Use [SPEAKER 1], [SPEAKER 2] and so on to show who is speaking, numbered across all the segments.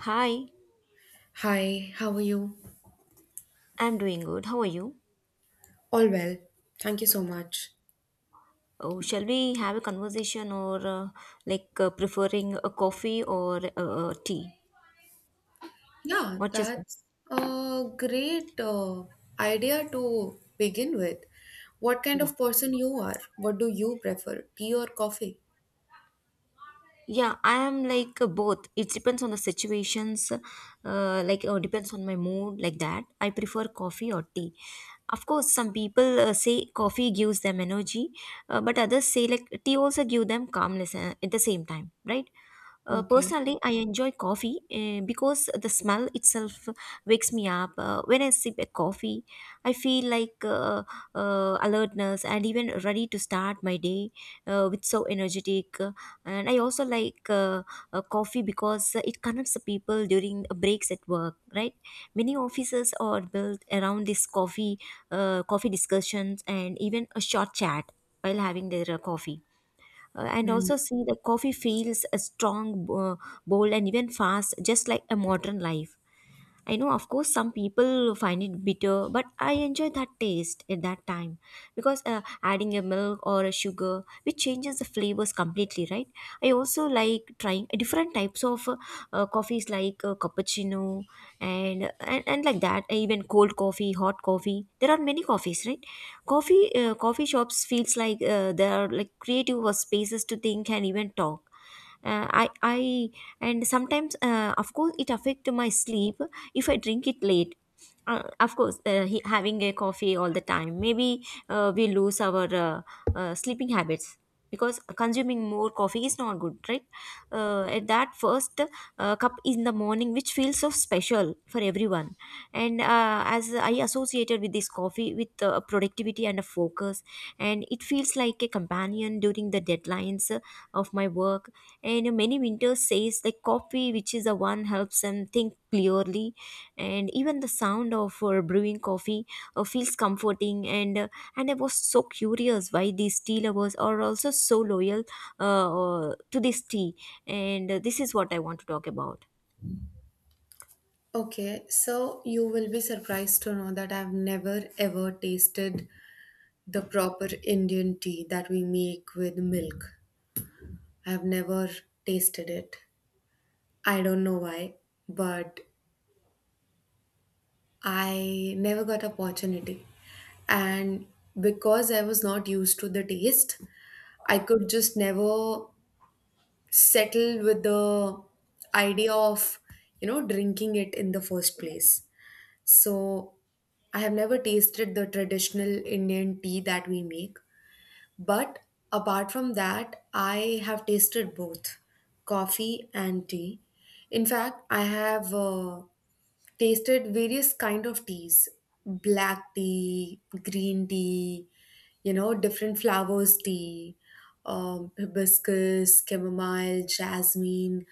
[SPEAKER 1] Hi,
[SPEAKER 2] Hi, how are you?
[SPEAKER 1] I'm doing good. How are you?
[SPEAKER 2] All well. Thank you so much.
[SPEAKER 1] Oh, shall we have a conversation or preferring a coffee or tea?
[SPEAKER 2] Yeah,
[SPEAKER 1] What you say?
[SPEAKER 2] that's a great idea to begin with. What kind
[SPEAKER 1] Yeah.
[SPEAKER 2] of person you are? What do you prefer, tea or coffee?
[SPEAKER 1] Yeah, I am like both. It depends on the situations, depends on my mood, like that. I prefer coffee or tea. Of course, some people say coffee gives them energy, but others say like tea also give them calmness at the same time, right?
[SPEAKER 2] Okay.
[SPEAKER 1] Personally, I enjoy coffee because the smell itself wakes me up. When I sip a coffee, I feel like alertness and even ready to start my day with so energetic. And I also like coffee because it connects the people during breaks at work. Right, many offices are built around this coffee, coffee discussions, and even a short chat while having their coffee. And
[SPEAKER 2] Hmm.
[SPEAKER 1] also see the coffee feels strong, bold, and even fast, just like a modern life. I know, of course, some people find it bitter, but I enjoy that taste at that time because adding a milk or a sugar, which changes the flavors completely, right? I also like trying different types of coffees like cappuccino and like that. Even cold coffee, hot coffee. There are many coffees, right? Coffee shops feels like there are like creative spaces to think and even talk I and sometimes of course it affect my sleep if I drink it late. Of course, having a coffee all the time maybe we lose our sleeping habits because consuming more coffee is not good, right? At that first cup in the morning, which feels so special for everyone. And as I associated with this coffee with productivity and a focus, and it feels like a companion during the deadlines of my work. And many winters says the coffee which is the one helps them think clearly. And even the sound of brewing coffee feels comforting. And and I was so curious why these tea lovers are also so loyal to this tea. And this is what I want to talk about.
[SPEAKER 2] Okay, so you will be surprised to know that I've never ever tasted the proper Indian tea that we make with milk. I've never tasted it. I don't know why, but I never got opportunity. And because I was not used to the taste, I could just never settle with the idea of, you know, drinking it in the first place. So I have never tasted the traditional Indian tea that we make. But apart from that, I have tasted both coffee and tea. In fact, I have tasted various kind of teas, black tea, green tea, you know, different flowers tea, hibiscus, chamomile, jasmine,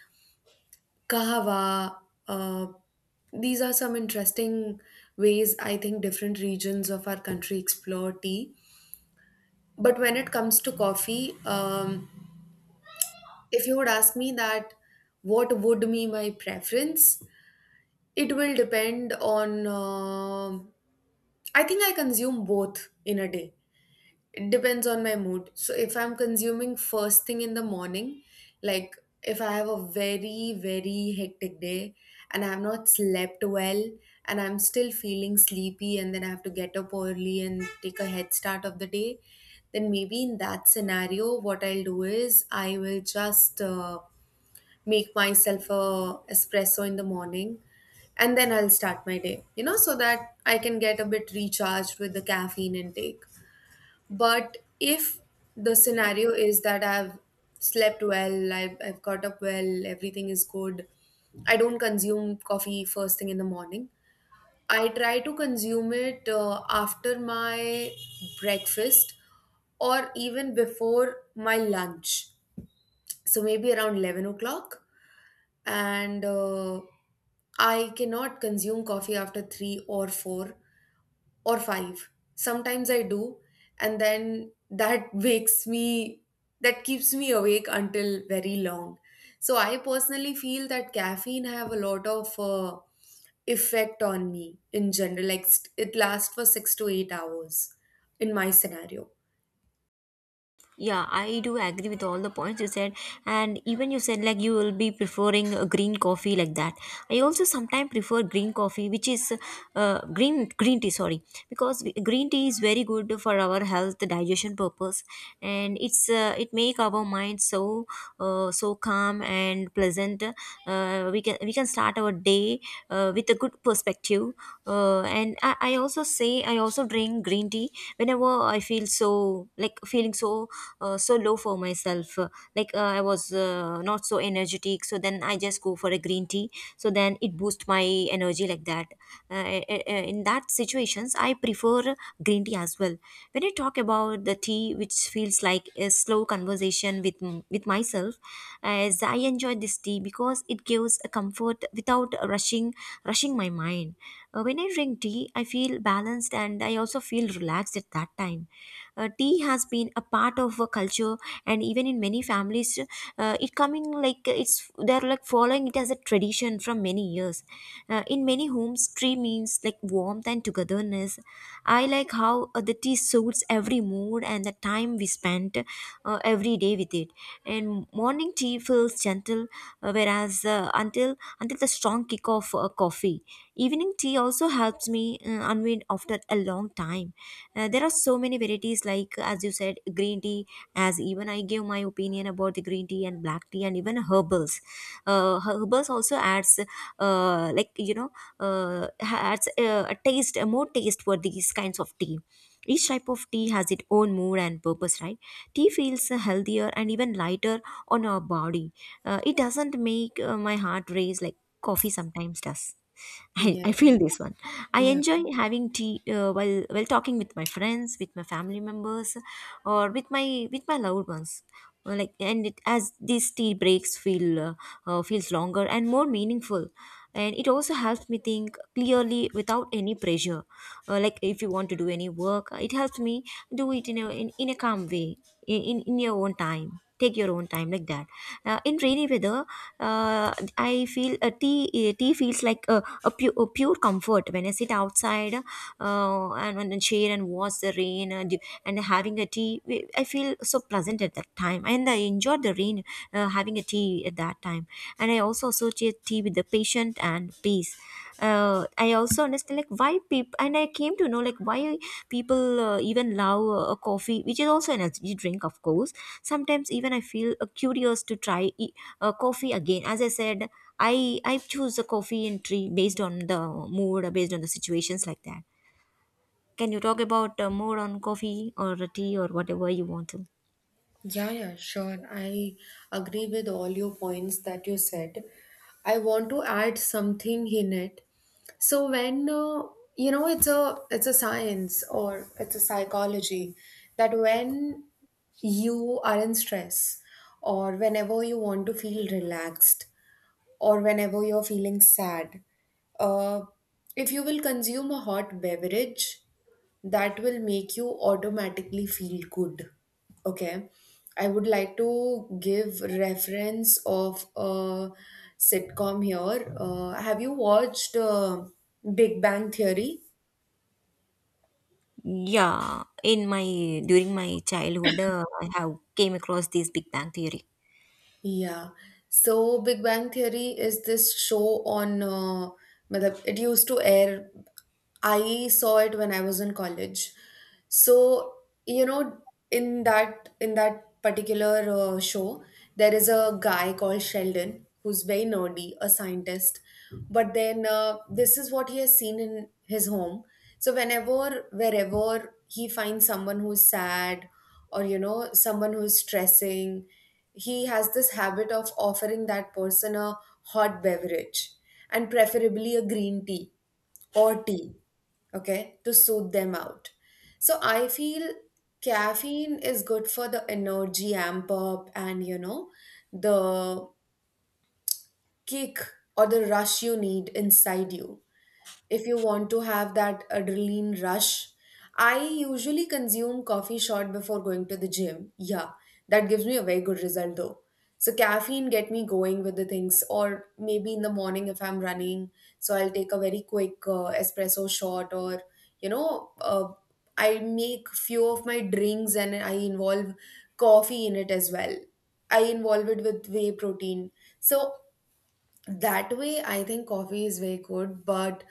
[SPEAKER 2] kahawa. Uh, these are some interesting ways I think different regions of our country explore tea. But when it comes to coffee, if you would ask me that what would be my preference, it will depend on. I think I consume both in a day. It depends on my mood. So if I'm consuming first thing in the morning, like if I have a very very hectic day and I have not slept well and I'm still feeling sleepy and then I have to get up early and take a head start of the day, then maybe in that scenario what I'll do is I will just make myself a espresso in the morning, and then I'll start my day, you know, so that I can get a bit recharged with the caffeine intake. But if the scenario is that I've slept well, I've got up well, everything is good, I don't consume coffee first thing in the morning. I try to consume it after my breakfast or even before my lunch. So maybe around 11 o'clock. And I cannot consume coffee after 3 or 4 or 5. Sometimes I do, and then that wakes me, that keeps me awake until very long. So I personally feel that caffeine have a lot of effect on me in general. Like it lasts for 6 to 8 hours in my scenario.
[SPEAKER 1] Yeah, I do agree with all the points you said, and even you said like you will be preferring a green coffee like that. I also sometimes prefer green coffee, which is green tea. Sorry, because green tea is very good for our health, digestion purpose, and it's it make our mind so so calm and pleasant. We can start our day with a good perspective. And I also say I also drink green tea whenever I feel so like feeling so so low for myself. I was not so energetic, so then I just go for a green tea, so then it boosts my energy like that. In that situations I prefer green tea as well. When I talk about the tea, which feels like a slow conversation with with myself, as I enjoy this tea because it gives a comfort without rushing my mind. When I drink tea I feel balanced and I also feel relaxed at that time. Tea has been a part of a culture, and even in many families it coming like it's they're like following it as a tradition from many years. In many homes tea means like warmth and togetherness. I like how the tea suits every mood and the time we spent every day with it. And morning tea feels gentle, whereas until the strong kick of coffee. Evening tea also helps me unwind after a long time. There are so many varieties, like as you said, green tea. As even I gave my opinion about the green tea and black tea, and even herbals. Herbals also adds, uh, like you know, adds a taste, a more taste for these kinds of tea. Each type of tea has its own mood and purpose, right? Tea feels healthier and even lighter on our body. It doesn't make my heart race like coffee sometimes does. I feel this one. I
[SPEAKER 2] Yes.
[SPEAKER 1] enjoy having tea while talking with my friends, with my family members, or with my loved ones. As these tea breaks feel feels longer and more meaningful, and it also helps me think clearly without any pressure. Like if you want to do any work, it helps me do it in a in a calm way, in your own time. Take your own time like that. In rainy weather I feel a tea tea feels like a pure comfort. When I sit outside, and share and watch the rain, and having a tea, I feel so pleasant at that time, and I enjoyed the rain having a tea at that time. And I also associate tea with the patient and peace. uh, I also understand like why people, and I came to know like why people even love coffee, which is also an energy drink, of course. Sometimes even I feel curious to try coffee again. As I said, I I choose the coffee and tea based on the mood, or based on the situations like that. Can you talk about more on coffee or tea or whatever you want to?
[SPEAKER 2] Yeah, yeah, sure. I agree with all your points that you said. I want to add something in it. So when you know, it's a science or it's a psychology that when you are in stress or whenever you want to feel relaxed or whenever you're feeling sad. Uh, if you will consume a hot beverage, that will make you automatically feel good. Okay. I would like to give reference of a sitcom here. Have you watched Big Bang Theory?
[SPEAKER 1] Yeah, in my during my childhood, I have came across this Big Bang Theory.
[SPEAKER 2] Yeah. So Big Bang Theory is this show on, matlab, it used to air. I saw it when I was in college. So, you know, in that particular show, there is a guy called Sheldon who's very nerdy, a scientist. But then this is what he has seen in his home. So whenever, wherever he finds someone who's sad, or you know, someone who's stressing, he has this habit of offering that person a hot beverage, and preferably a green tea or tea, okay, to soothe them out. So I feel caffeine is good for the energy amp up, and you know, the kick or the rush you need inside you if you want to have that adrenaline rush. I usually consume coffee short before going to the gym. Yeah, that gives me a very good result though. So caffeine get me going with the things, or maybe in the morning if I'm running, so I'll take a very quick espresso shot, or you know, I make few of my drinks and I involve coffee in it as well. I involve it with whey protein. So that way I think coffee is very good. But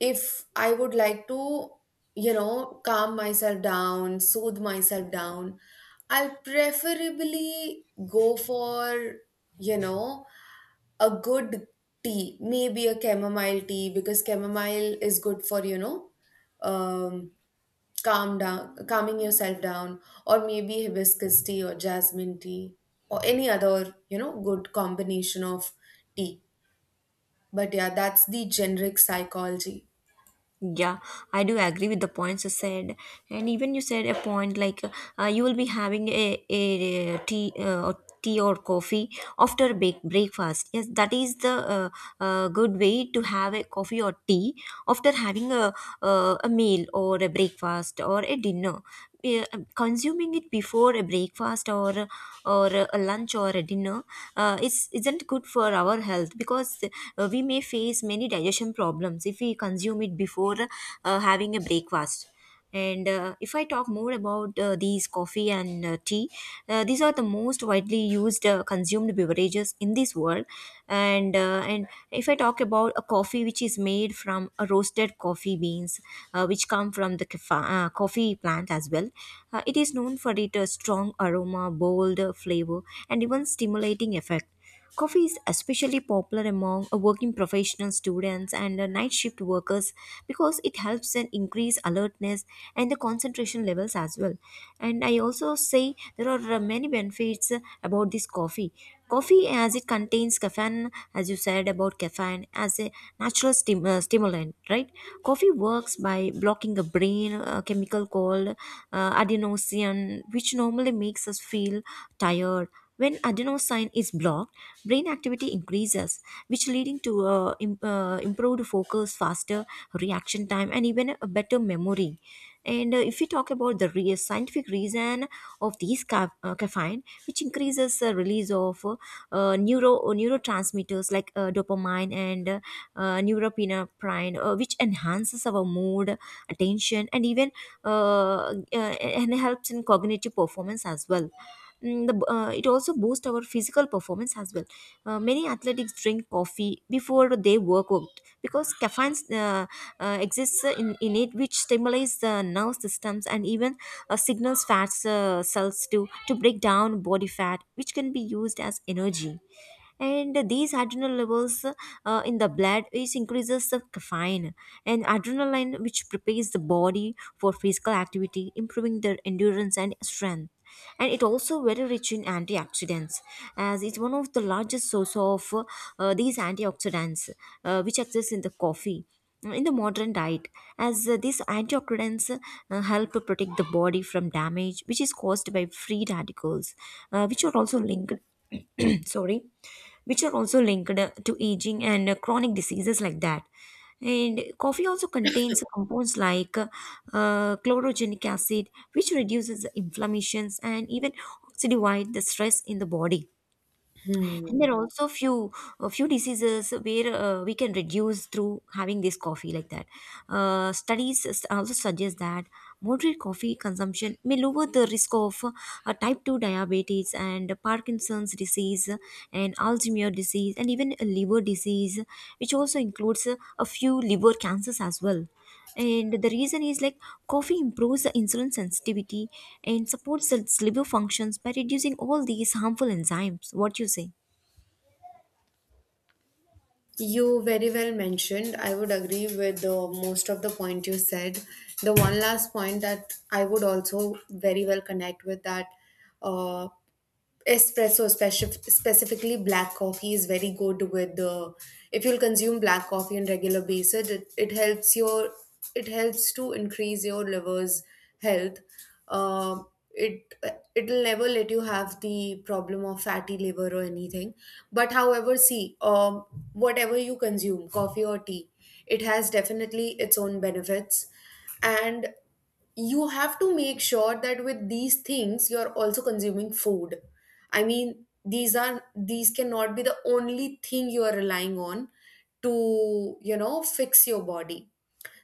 [SPEAKER 2] if I would like to, you know, calm myself down, soothe myself down, I'll preferably go for, you know, a good tea, maybe a chamomile tea, because chamomile is good for, you know, um calm down, calming yourself down. Or maybe hibiscus tea or jasmine tea or any other, you know, good combination of tea. But yeah, that's the generic psychology.
[SPEAKER 1] Yeah, I do agree with the points you said, and even you said a point like you will be having tea or tea or coffee after bake breakfast. Yes, that is the good way to have a coffee or tea after having a meal or a breakfast or a dinner. uh, Consuming it before a breakfast or a lunch or a dinner is isn't good for our health, because we may face many digestion problems if we consume it before having a breakfast. And if I talk more about these coffee and tea, these are the most widely used consumed beverages in this world. And uh, and and if I talk about a coffee, which is made from a roasted coffee beans, which come from the coffee plant as well, it is known for its strong aroma, bold flavor, and even stimulating effect. Coffee is especially popular among working professional students and night shift workers because it helps in increase alertness and the concentration levels as well. And I also say there are many benefits about this coffee. Coffee, as it contains caffeine, as you said about caffeine as a natural stimulant, right? Coffee works by blocking the brain chemical called adenosine, which normally makes us feel tired. When adenosine is blocked, brain activity increases, which leading to improved focus, faster reaction time, and even a better memory. And if we talk about the scientific reason of these caffeine, which increases the release of neurotransmitters like dopamine and norepinephrine, which enhances our mood, attention, and even and helps in cognitive performance as well. Mm, the, it also boosts our physical performance as well. Many athletes drink coffee before they work out because caffeine exists in it, which stimulates the nerve systems, and even signals fat cells to break down body fat, which can be used as energy. And these adrenal levels in the blood is increases the caffeine and adrenaline, which prepares the body for physical activity, improving their endurance and strength. And it also very rich in antioxidants, as it's one of the largest source of these antioxidants which exist in the coffee in the modern diet, as these antioxidants help protect the body from damage which is caused by free radicals, which are also linked sorry, which are also linked to aging and chronic diseases like that. And coffee also contains compounds like chlorogenic acid, which reduces the inflammations and even oxidivide the stress in the body. And there
[SPEAKER 2] Hmm.
[SPEAKER 1] are also few a few diseases where we can reduce through having this coffee like that. Studies also suggest that moderate coffee consumption may lower the risk of type 2 diabetes and Parkinson's disease and Alzheimer's disease, and even a liver disease, which also includes a few liver cancers as well. And the reason is like coffee improves the insulin sensitivity and supports its liver functions by reducing all these harmful enzymes. What you say?
[SPEAKER 2] You very well mentioned. I would agree with the most of the point you said. The one last point that I would also very well connect with that uh, espresso, specifically black coffee, is very good with the, if you'll consume black coffee on regular basis, it helps your, it helps to increase your liver's health. um it, it'll never let you have the problem of fatty liver or anything. But however see, whatever you consume, coffee or tea, it has definitely its own benefits. And you have to make sure that with these things you're also consuming food. I mean, these are, these cannot be the only thing you are relying on to, you know, fix your body.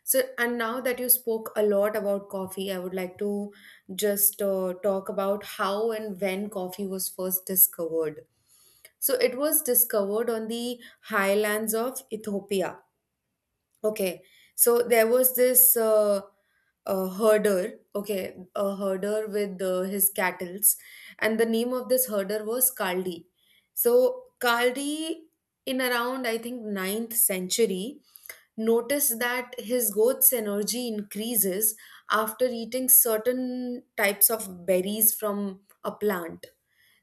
[SPEAKER 2] So, and now that you spoke a lot about coffee, I would like to just talk about how and when coffee was first discovered. So it was discovered on the highlands of Ethiopia. Okay, so there was this herder, okay, a herder with his cattles, and the name of this herder was Kaldi. So Kaldi, in around I think ninth century, notice that his goat's energy increases after eating certain types of berries from a plant.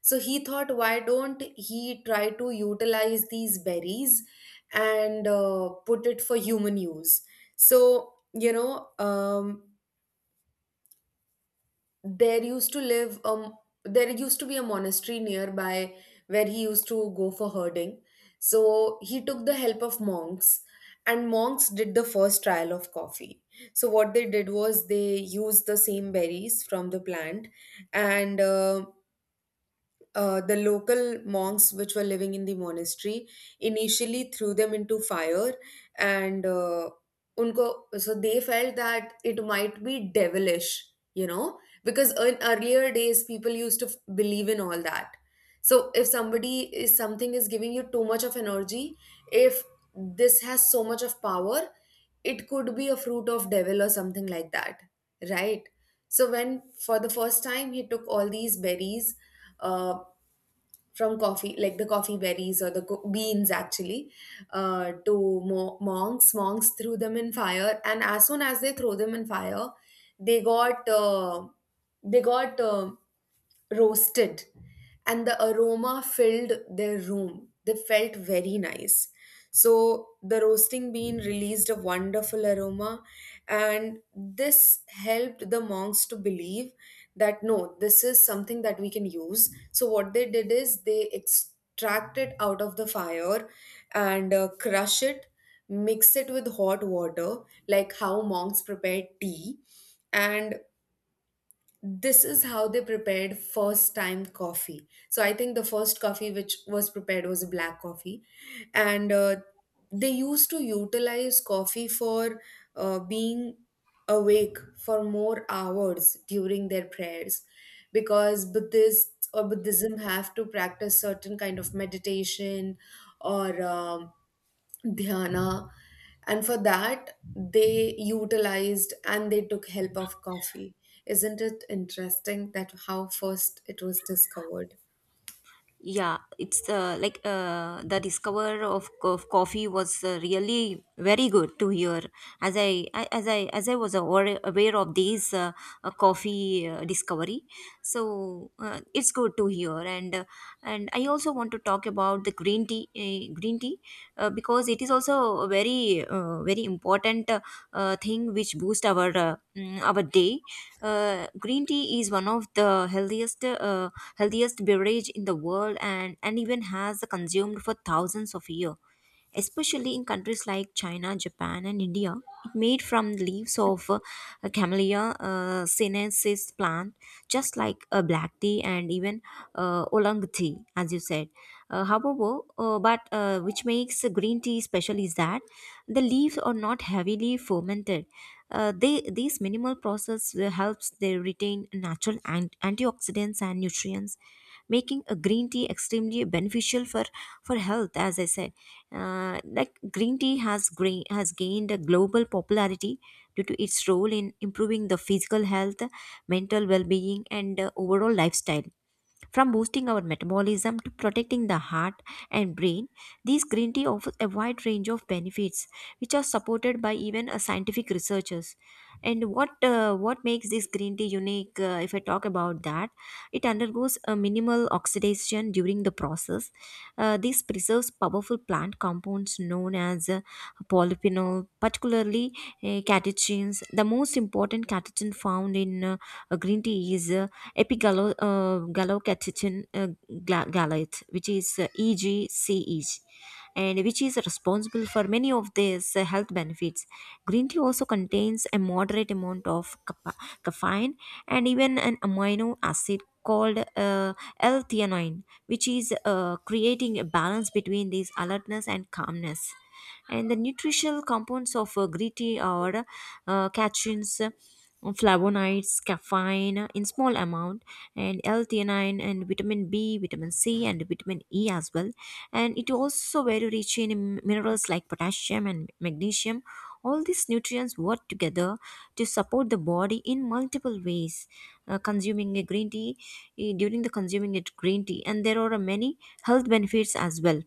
[SPEAKER 2] So he thought, why don't he try to utilize these berries and put it for human use? So, you know, there used to live, there used to be a monastery nearby where he used to go for herding. So he took the help of monks, and monks did the first trial of coffee. So what they did was they used the same berries from the plant. And the local monks which were living in the monastery initially threw them into fire. And unko, so they felt that it might be devilish, you know, because in earlier days people used to believe in all that. So if somebody is, something is giving you too much of energy, if this has so much of power, it could be a fruit of devil or something like that, right? So when for the first time he took all these berries, uh, from coffee, like the coffee berries or the beans actually, uh, to monks, monks threw them in fire, and as soon as they throw them in fire, they got they got uh, roasted, and the aroma filled their room, they felt very nice. So the roasting bean released a wonderful aroma, and this helped the monks to believe that no, this is something that we can use. So, what they did is they extract it out of the fire and crush it, mix it with hot water, like how monks prepare tea, and this is how they prepared first time coffee. So I think the first coffee which was prepared was a black coffee. And they used to utilize coffee for being awake for more hours during their prayers, because buddhists or buddhism have to practice certain kind of meditation or dhyana. And for that they utilized and they took help of coffee. Isn't it interesting that how first it was discovered?
[SPEAKER 1] Yeah, it's like the discover of coffee was really very good to hear, as I as I as I was aware of this coffee discovery. So it's good to hear. And I also want to talk about the green tea, because it is also a very very important thing which boost our our day. Green tea is one of the healthiest healthiest beverage in the world, and even has consumed for thousands of years, especially in countries like China, Japan, and India. It made from the leaves of Camellia sinensis plant, just like a black tea and even oolong tea, as you said. However, but which makes green tea special is that the leaves are not heavily fermented. They this minimal process helps they retain natural antioxidants and nutrients, making a green tea extremely beneficial for health. As I said, like green tea has gained a global popularity due to its role in improving the physical health, mental well-being, and overall lifestyle, from boosting our metabolism to protecting the heart and brain. These green tea offers a wide range of benefits, which are supported by even scientific researchers. And what makes this green tea unique? If I talk about that, it undergoes a minimal oxidation during the process. This preserves powerful plant compounds known as polyphenol, particularly catechins. The most important catechin found in green tea is epigallocatechin gallate, which is EGCEG, and which is responsible for many of these health benefits. Green tea also contains a moderate amount of caffeine, and even an amino acid called L-theanine, which is creating a balance between these alertness and calmness. And the nutritional compounds of green tea are catechins, flavonoids, caffeine in small amount, and L-theanine, and vitamin B, vitamin C, and vitamin E as well. And it also very rich in minerals like potassium and magnesium. All these nutrients work together to support the body in multiple ways. Consuming a green tea, during the consuming it green tea, and there are many health benefits as well.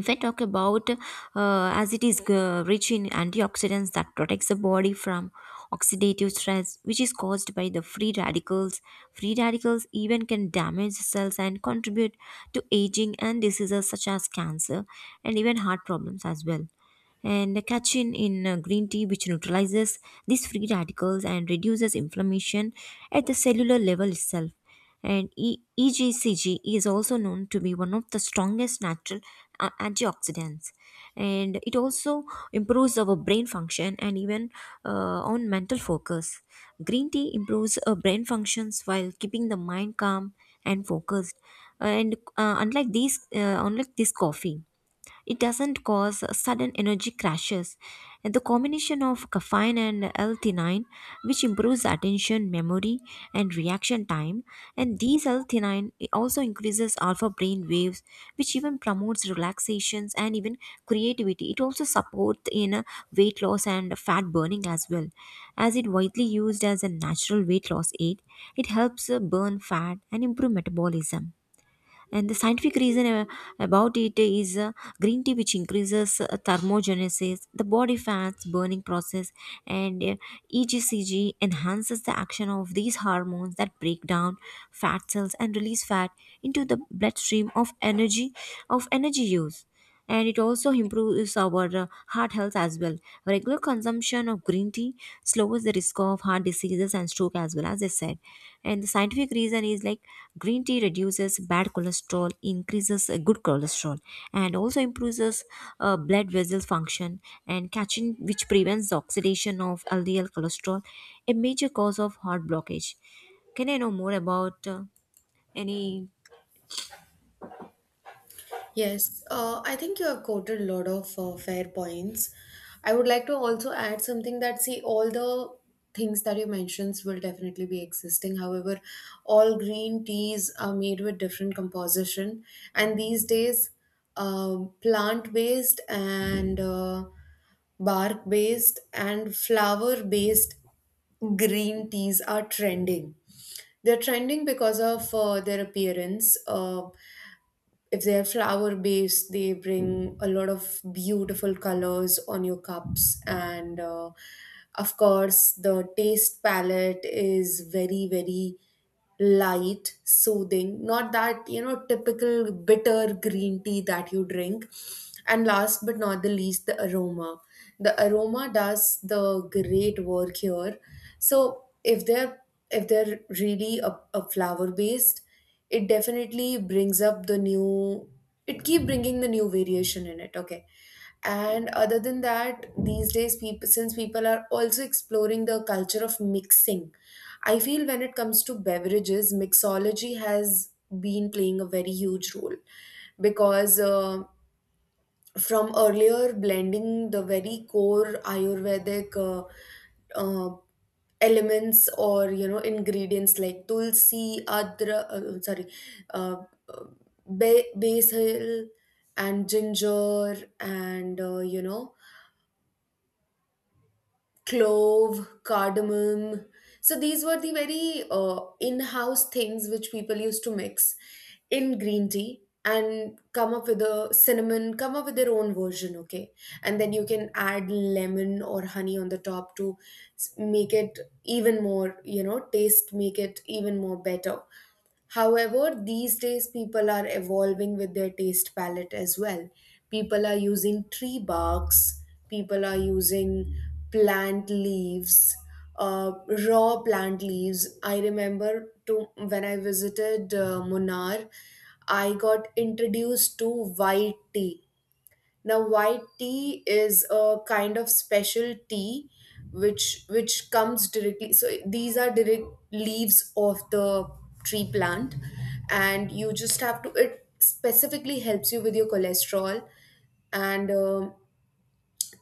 [SPEAKER 1] If I talk about, as it is rich in antioxidants that protects the body from oxidative stress, which is caused by the free radicals. Free radicals even can damage cells and contribute to aging and diseases such as cancer and even heart problems as well. And the catechin in green tea, which neutralizes these free radicals and reduces inflammation at the cellular level itself. And EGCG is also known to be one of the strongest natural antioxidants, and it also improves our brain function and even on mental focus. Green tea improves brain functions while keeping the mind calm and focused. And unlike unlike this coffee, it doesn't cause sudden energy crashes. The combination of caffeine and L-theanine, which improves attention, memory, and reaction time, and these L-theanine also increases alpha brain waves, which even promotes relaxations and even creativity. It also supports in weight loss and fat burning as well, as it widely used as a natural weight loss aid. It helps burn fat and improve metabolism. And the scientific reason about it is green tea, which increases thermogenesis, the body fats burning process. And EGCG enhances the action of these hormones that break down fat cells and release fat into the bloodstream of energy use. And it also improves our heart health as well. Regular consumption of green tea slows the risk of heart diseases and stroke as well, as I said. And the scientific reason is like green tea reduces bad cholesterol, increases good cholesterol, and also improves blood vessel function and catching, which prevents the oxidation of LDL cholesterol, a major cause of heart blockage. Can I know more about any?
[SPEAKER 2] Yes, I think you have quoted a lot of fair points. I would like to also add something that see, all the things that you mentioned will definitely be existing. However, all green teas are made with different composition, and these days, plant-based and bark-based and flower-based green teas are trending. They're trending because of their appearance. If they're flower based, they bring a lot of beautiful colors on your cups, and of course the taste palette is very very light, soothing, not that, you know, typical bitter green tea that you drink. And last but not the least, the aroma, the aroma does the great work here. So if they're, if they're really a flower based, it definitely brings up the new, it keep bringing the new variation in it, okay. And other than that, these days people, since people are also exploring the culture of mixing, I feel when it comes to beverages, mixology has been playing a very huge role. Because from earlier blending the very core ayurvedic uh, elements, or you know, ingredients like tulsi, adra, sorry, uh, uh, basil and ginger and, you know, clove, cardamom. So these were the very in-house things which people used to mix in green tea and come up with a cinnamon, come up with their own version, okay? And then you can add lemon or honey on the top to make it even more, taste, make it even more better. However, these days people are evolving with their taste palette as well. People are using tree barks, people are using plant leaves, uh, raw plant leaves. I remember to when I visited Munnar, I got introduced to white tea. Now, white tea is a kind of special tea which comes directly. So these are direct leaves of the tree plant, and you just have to. It specifically helps you with your cholesterol, and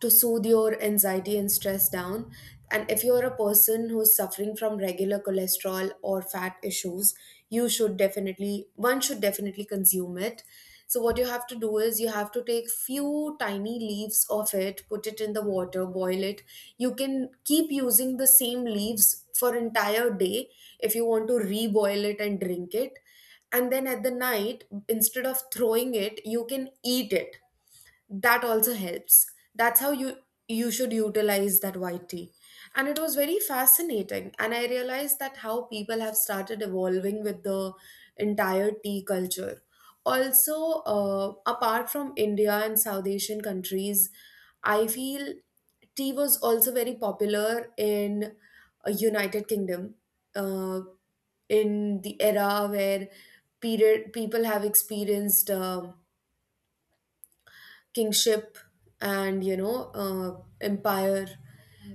[SPEAKER 2] to soothe your anxiety and stress down. And if you're a person who's suffering from regular cholesterol or fat issues, one should definitely consume it. So, what you have to do is you have to take few tiny leaves of it, put it in the water, boil it. You can keep using the same leaves for entire day if you want to reboil it and drink it. And then at the night, instead of throwing it, you can eat it. That also helps. That's how you should utilize that white tea. And it was very fascinating, and I realized that how people have started evolving with the entire tea culture also. Apart from India and South Asian countries, I feel tea was also very popular in United Kingdom, uh, in the era where period people have experienced kingship, and empire,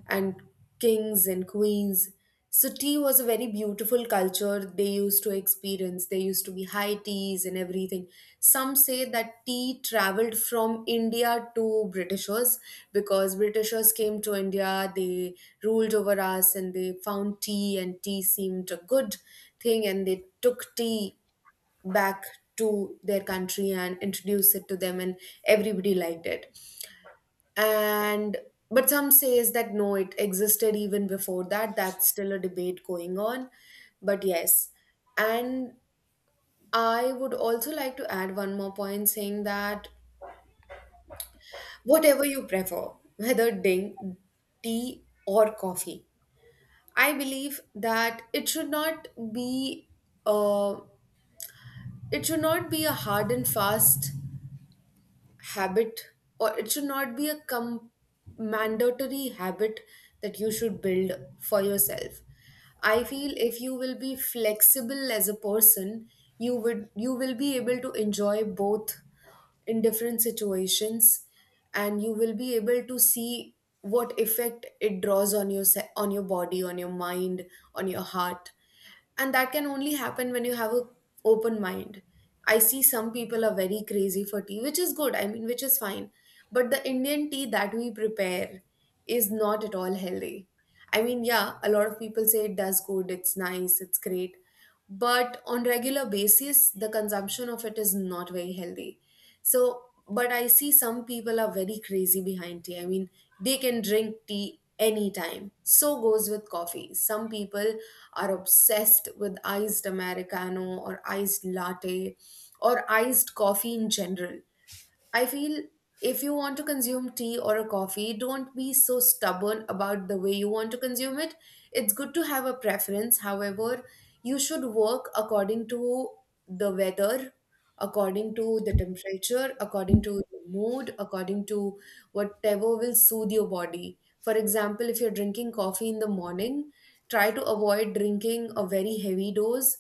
[SPEAKER 2] and kings and queens. So tea was a very beautiful culture they used to experience. There used to be high teas and everything. Some say that tea traveled from India to Britishers, because Britishers came to India, they ruled over us, and they found tea, and tea seemed a good thing, and they took tea back to their country and introduce it to them, and everybody liked it. And but some says that no, it existed even before that. That's still a debate going on. But yes, and I would also like to add one more point saying that whatever you prefer, whether ding, tea or coffee, I believe that it should not be, uh, it should not be a hard and fast habit, or it should not be a mandatory habit that you should build for yourself. I feel if you will be flexible as a person, you will be able to enjoy both in different situations, and you will be able to see what effect it draws on your on your body, on your mind, on your heart. And that can only happen when you have a open mind. I see some people are very crazy for tea, which is good, I mean, which is fine. But the Indian tea that we prepare is not at all healthy. I mean, yeah, a lot of people say it does good, it's nice, it's great, but on regular basis the consumption of it is not very healthy. So, but I see some people are very crazy behind tea. I mean, they can drink tea anytime. So goes with coffee. Some people are obsessed with iced Americano or iced latte or iced coffee in general. I feel if you want to consume tea or a coffee, don't be so stubborn about the way you want to consume it. It's good to have a preference. However, you should work according to the weather, according to the temperature, according to the mood, according to whatever will soothe your body. For example, if you're drinking coffee in the morning, try to avoid drinking a very heavy dose.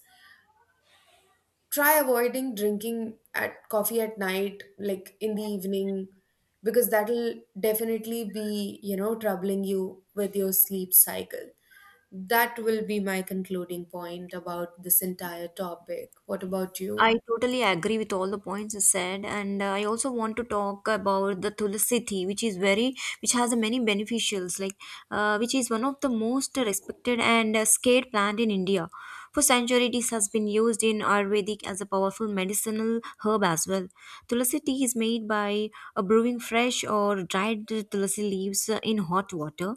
[SPEAKER 2] Try avoiding drinking at coffee at night, like in the evening, because that'll definitely be, troubling you with your sleep cycle. That will be my concluding point about this entire topic. What about you?
[SPEAKER 1] I totally agree with all the points you said, and I also want to talk about the Tulsi tea, which is which has many beneficials, like which is one of the most respected and scared plant in India. For centuries, it has been used in Ayurvedic as a powerful medicinal herb as well. Tulsi tea is made by brewing fresh or dried tulsi leaves in hot water,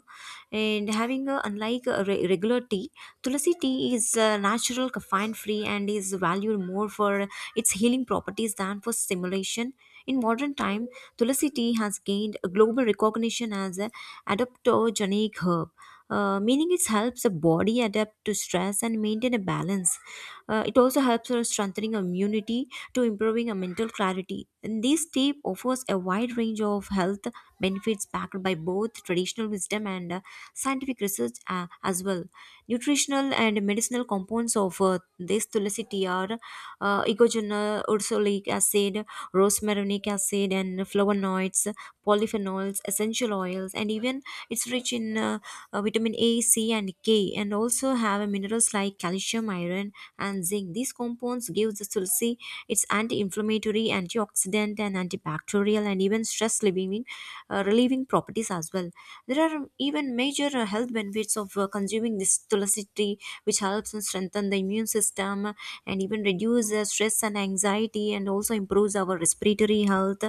[SPEAKER 1] and having a, unlike a regular tea, Tulasi tea is natural, caffeine free, and is valued more for its healing properties than for stimulation. In modern time, Tulasi tea has gained a global recognition as an adaptogenic herb, meaning it helps the body adapt to stress and maintain a balance. It also helps us strengthening immunity to improving a mental clarity. And this tea offers a wide range of health benefits backed by both traditional wisdom and scientific research as well. Nutritional and medicinal compounds of this tulsi tea are ecogenol, ursolic acid, rosmarinic acid, and flavonoids, polyphenols, essential oils, and even it's rich in vitamin A, C, and K, and also have minerals like calcium, iron, and zinc. These compounds give the tulsi its anti-inflammatory, antioxidant, and antibacterial, and even stress relieving, relieving properties as well. There are even major health benefits of consuming this tulsi tea, which helps and strengthen the immune system and even reduce stress and anxiety, and also improves our respiratory health.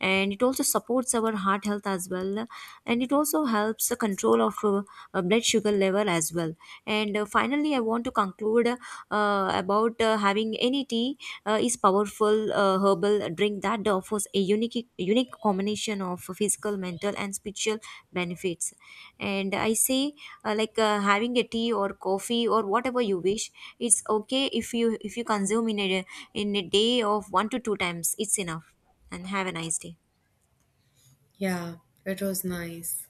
[SPEAKER 1] And it also supports our heart health as well, and it also helps the control of blood sugar level as well. And finally, I want to conclude about having any tea is powerful herbal drink that offers a unique combination of physical, mental, and spiritual benefits. And I say, like having a tea or coffee or whatever you wish, it's okay if you consume in a day of one to two times, it's enough. And have a nice day.
[SPEAKER 2] Yeah, it was nice.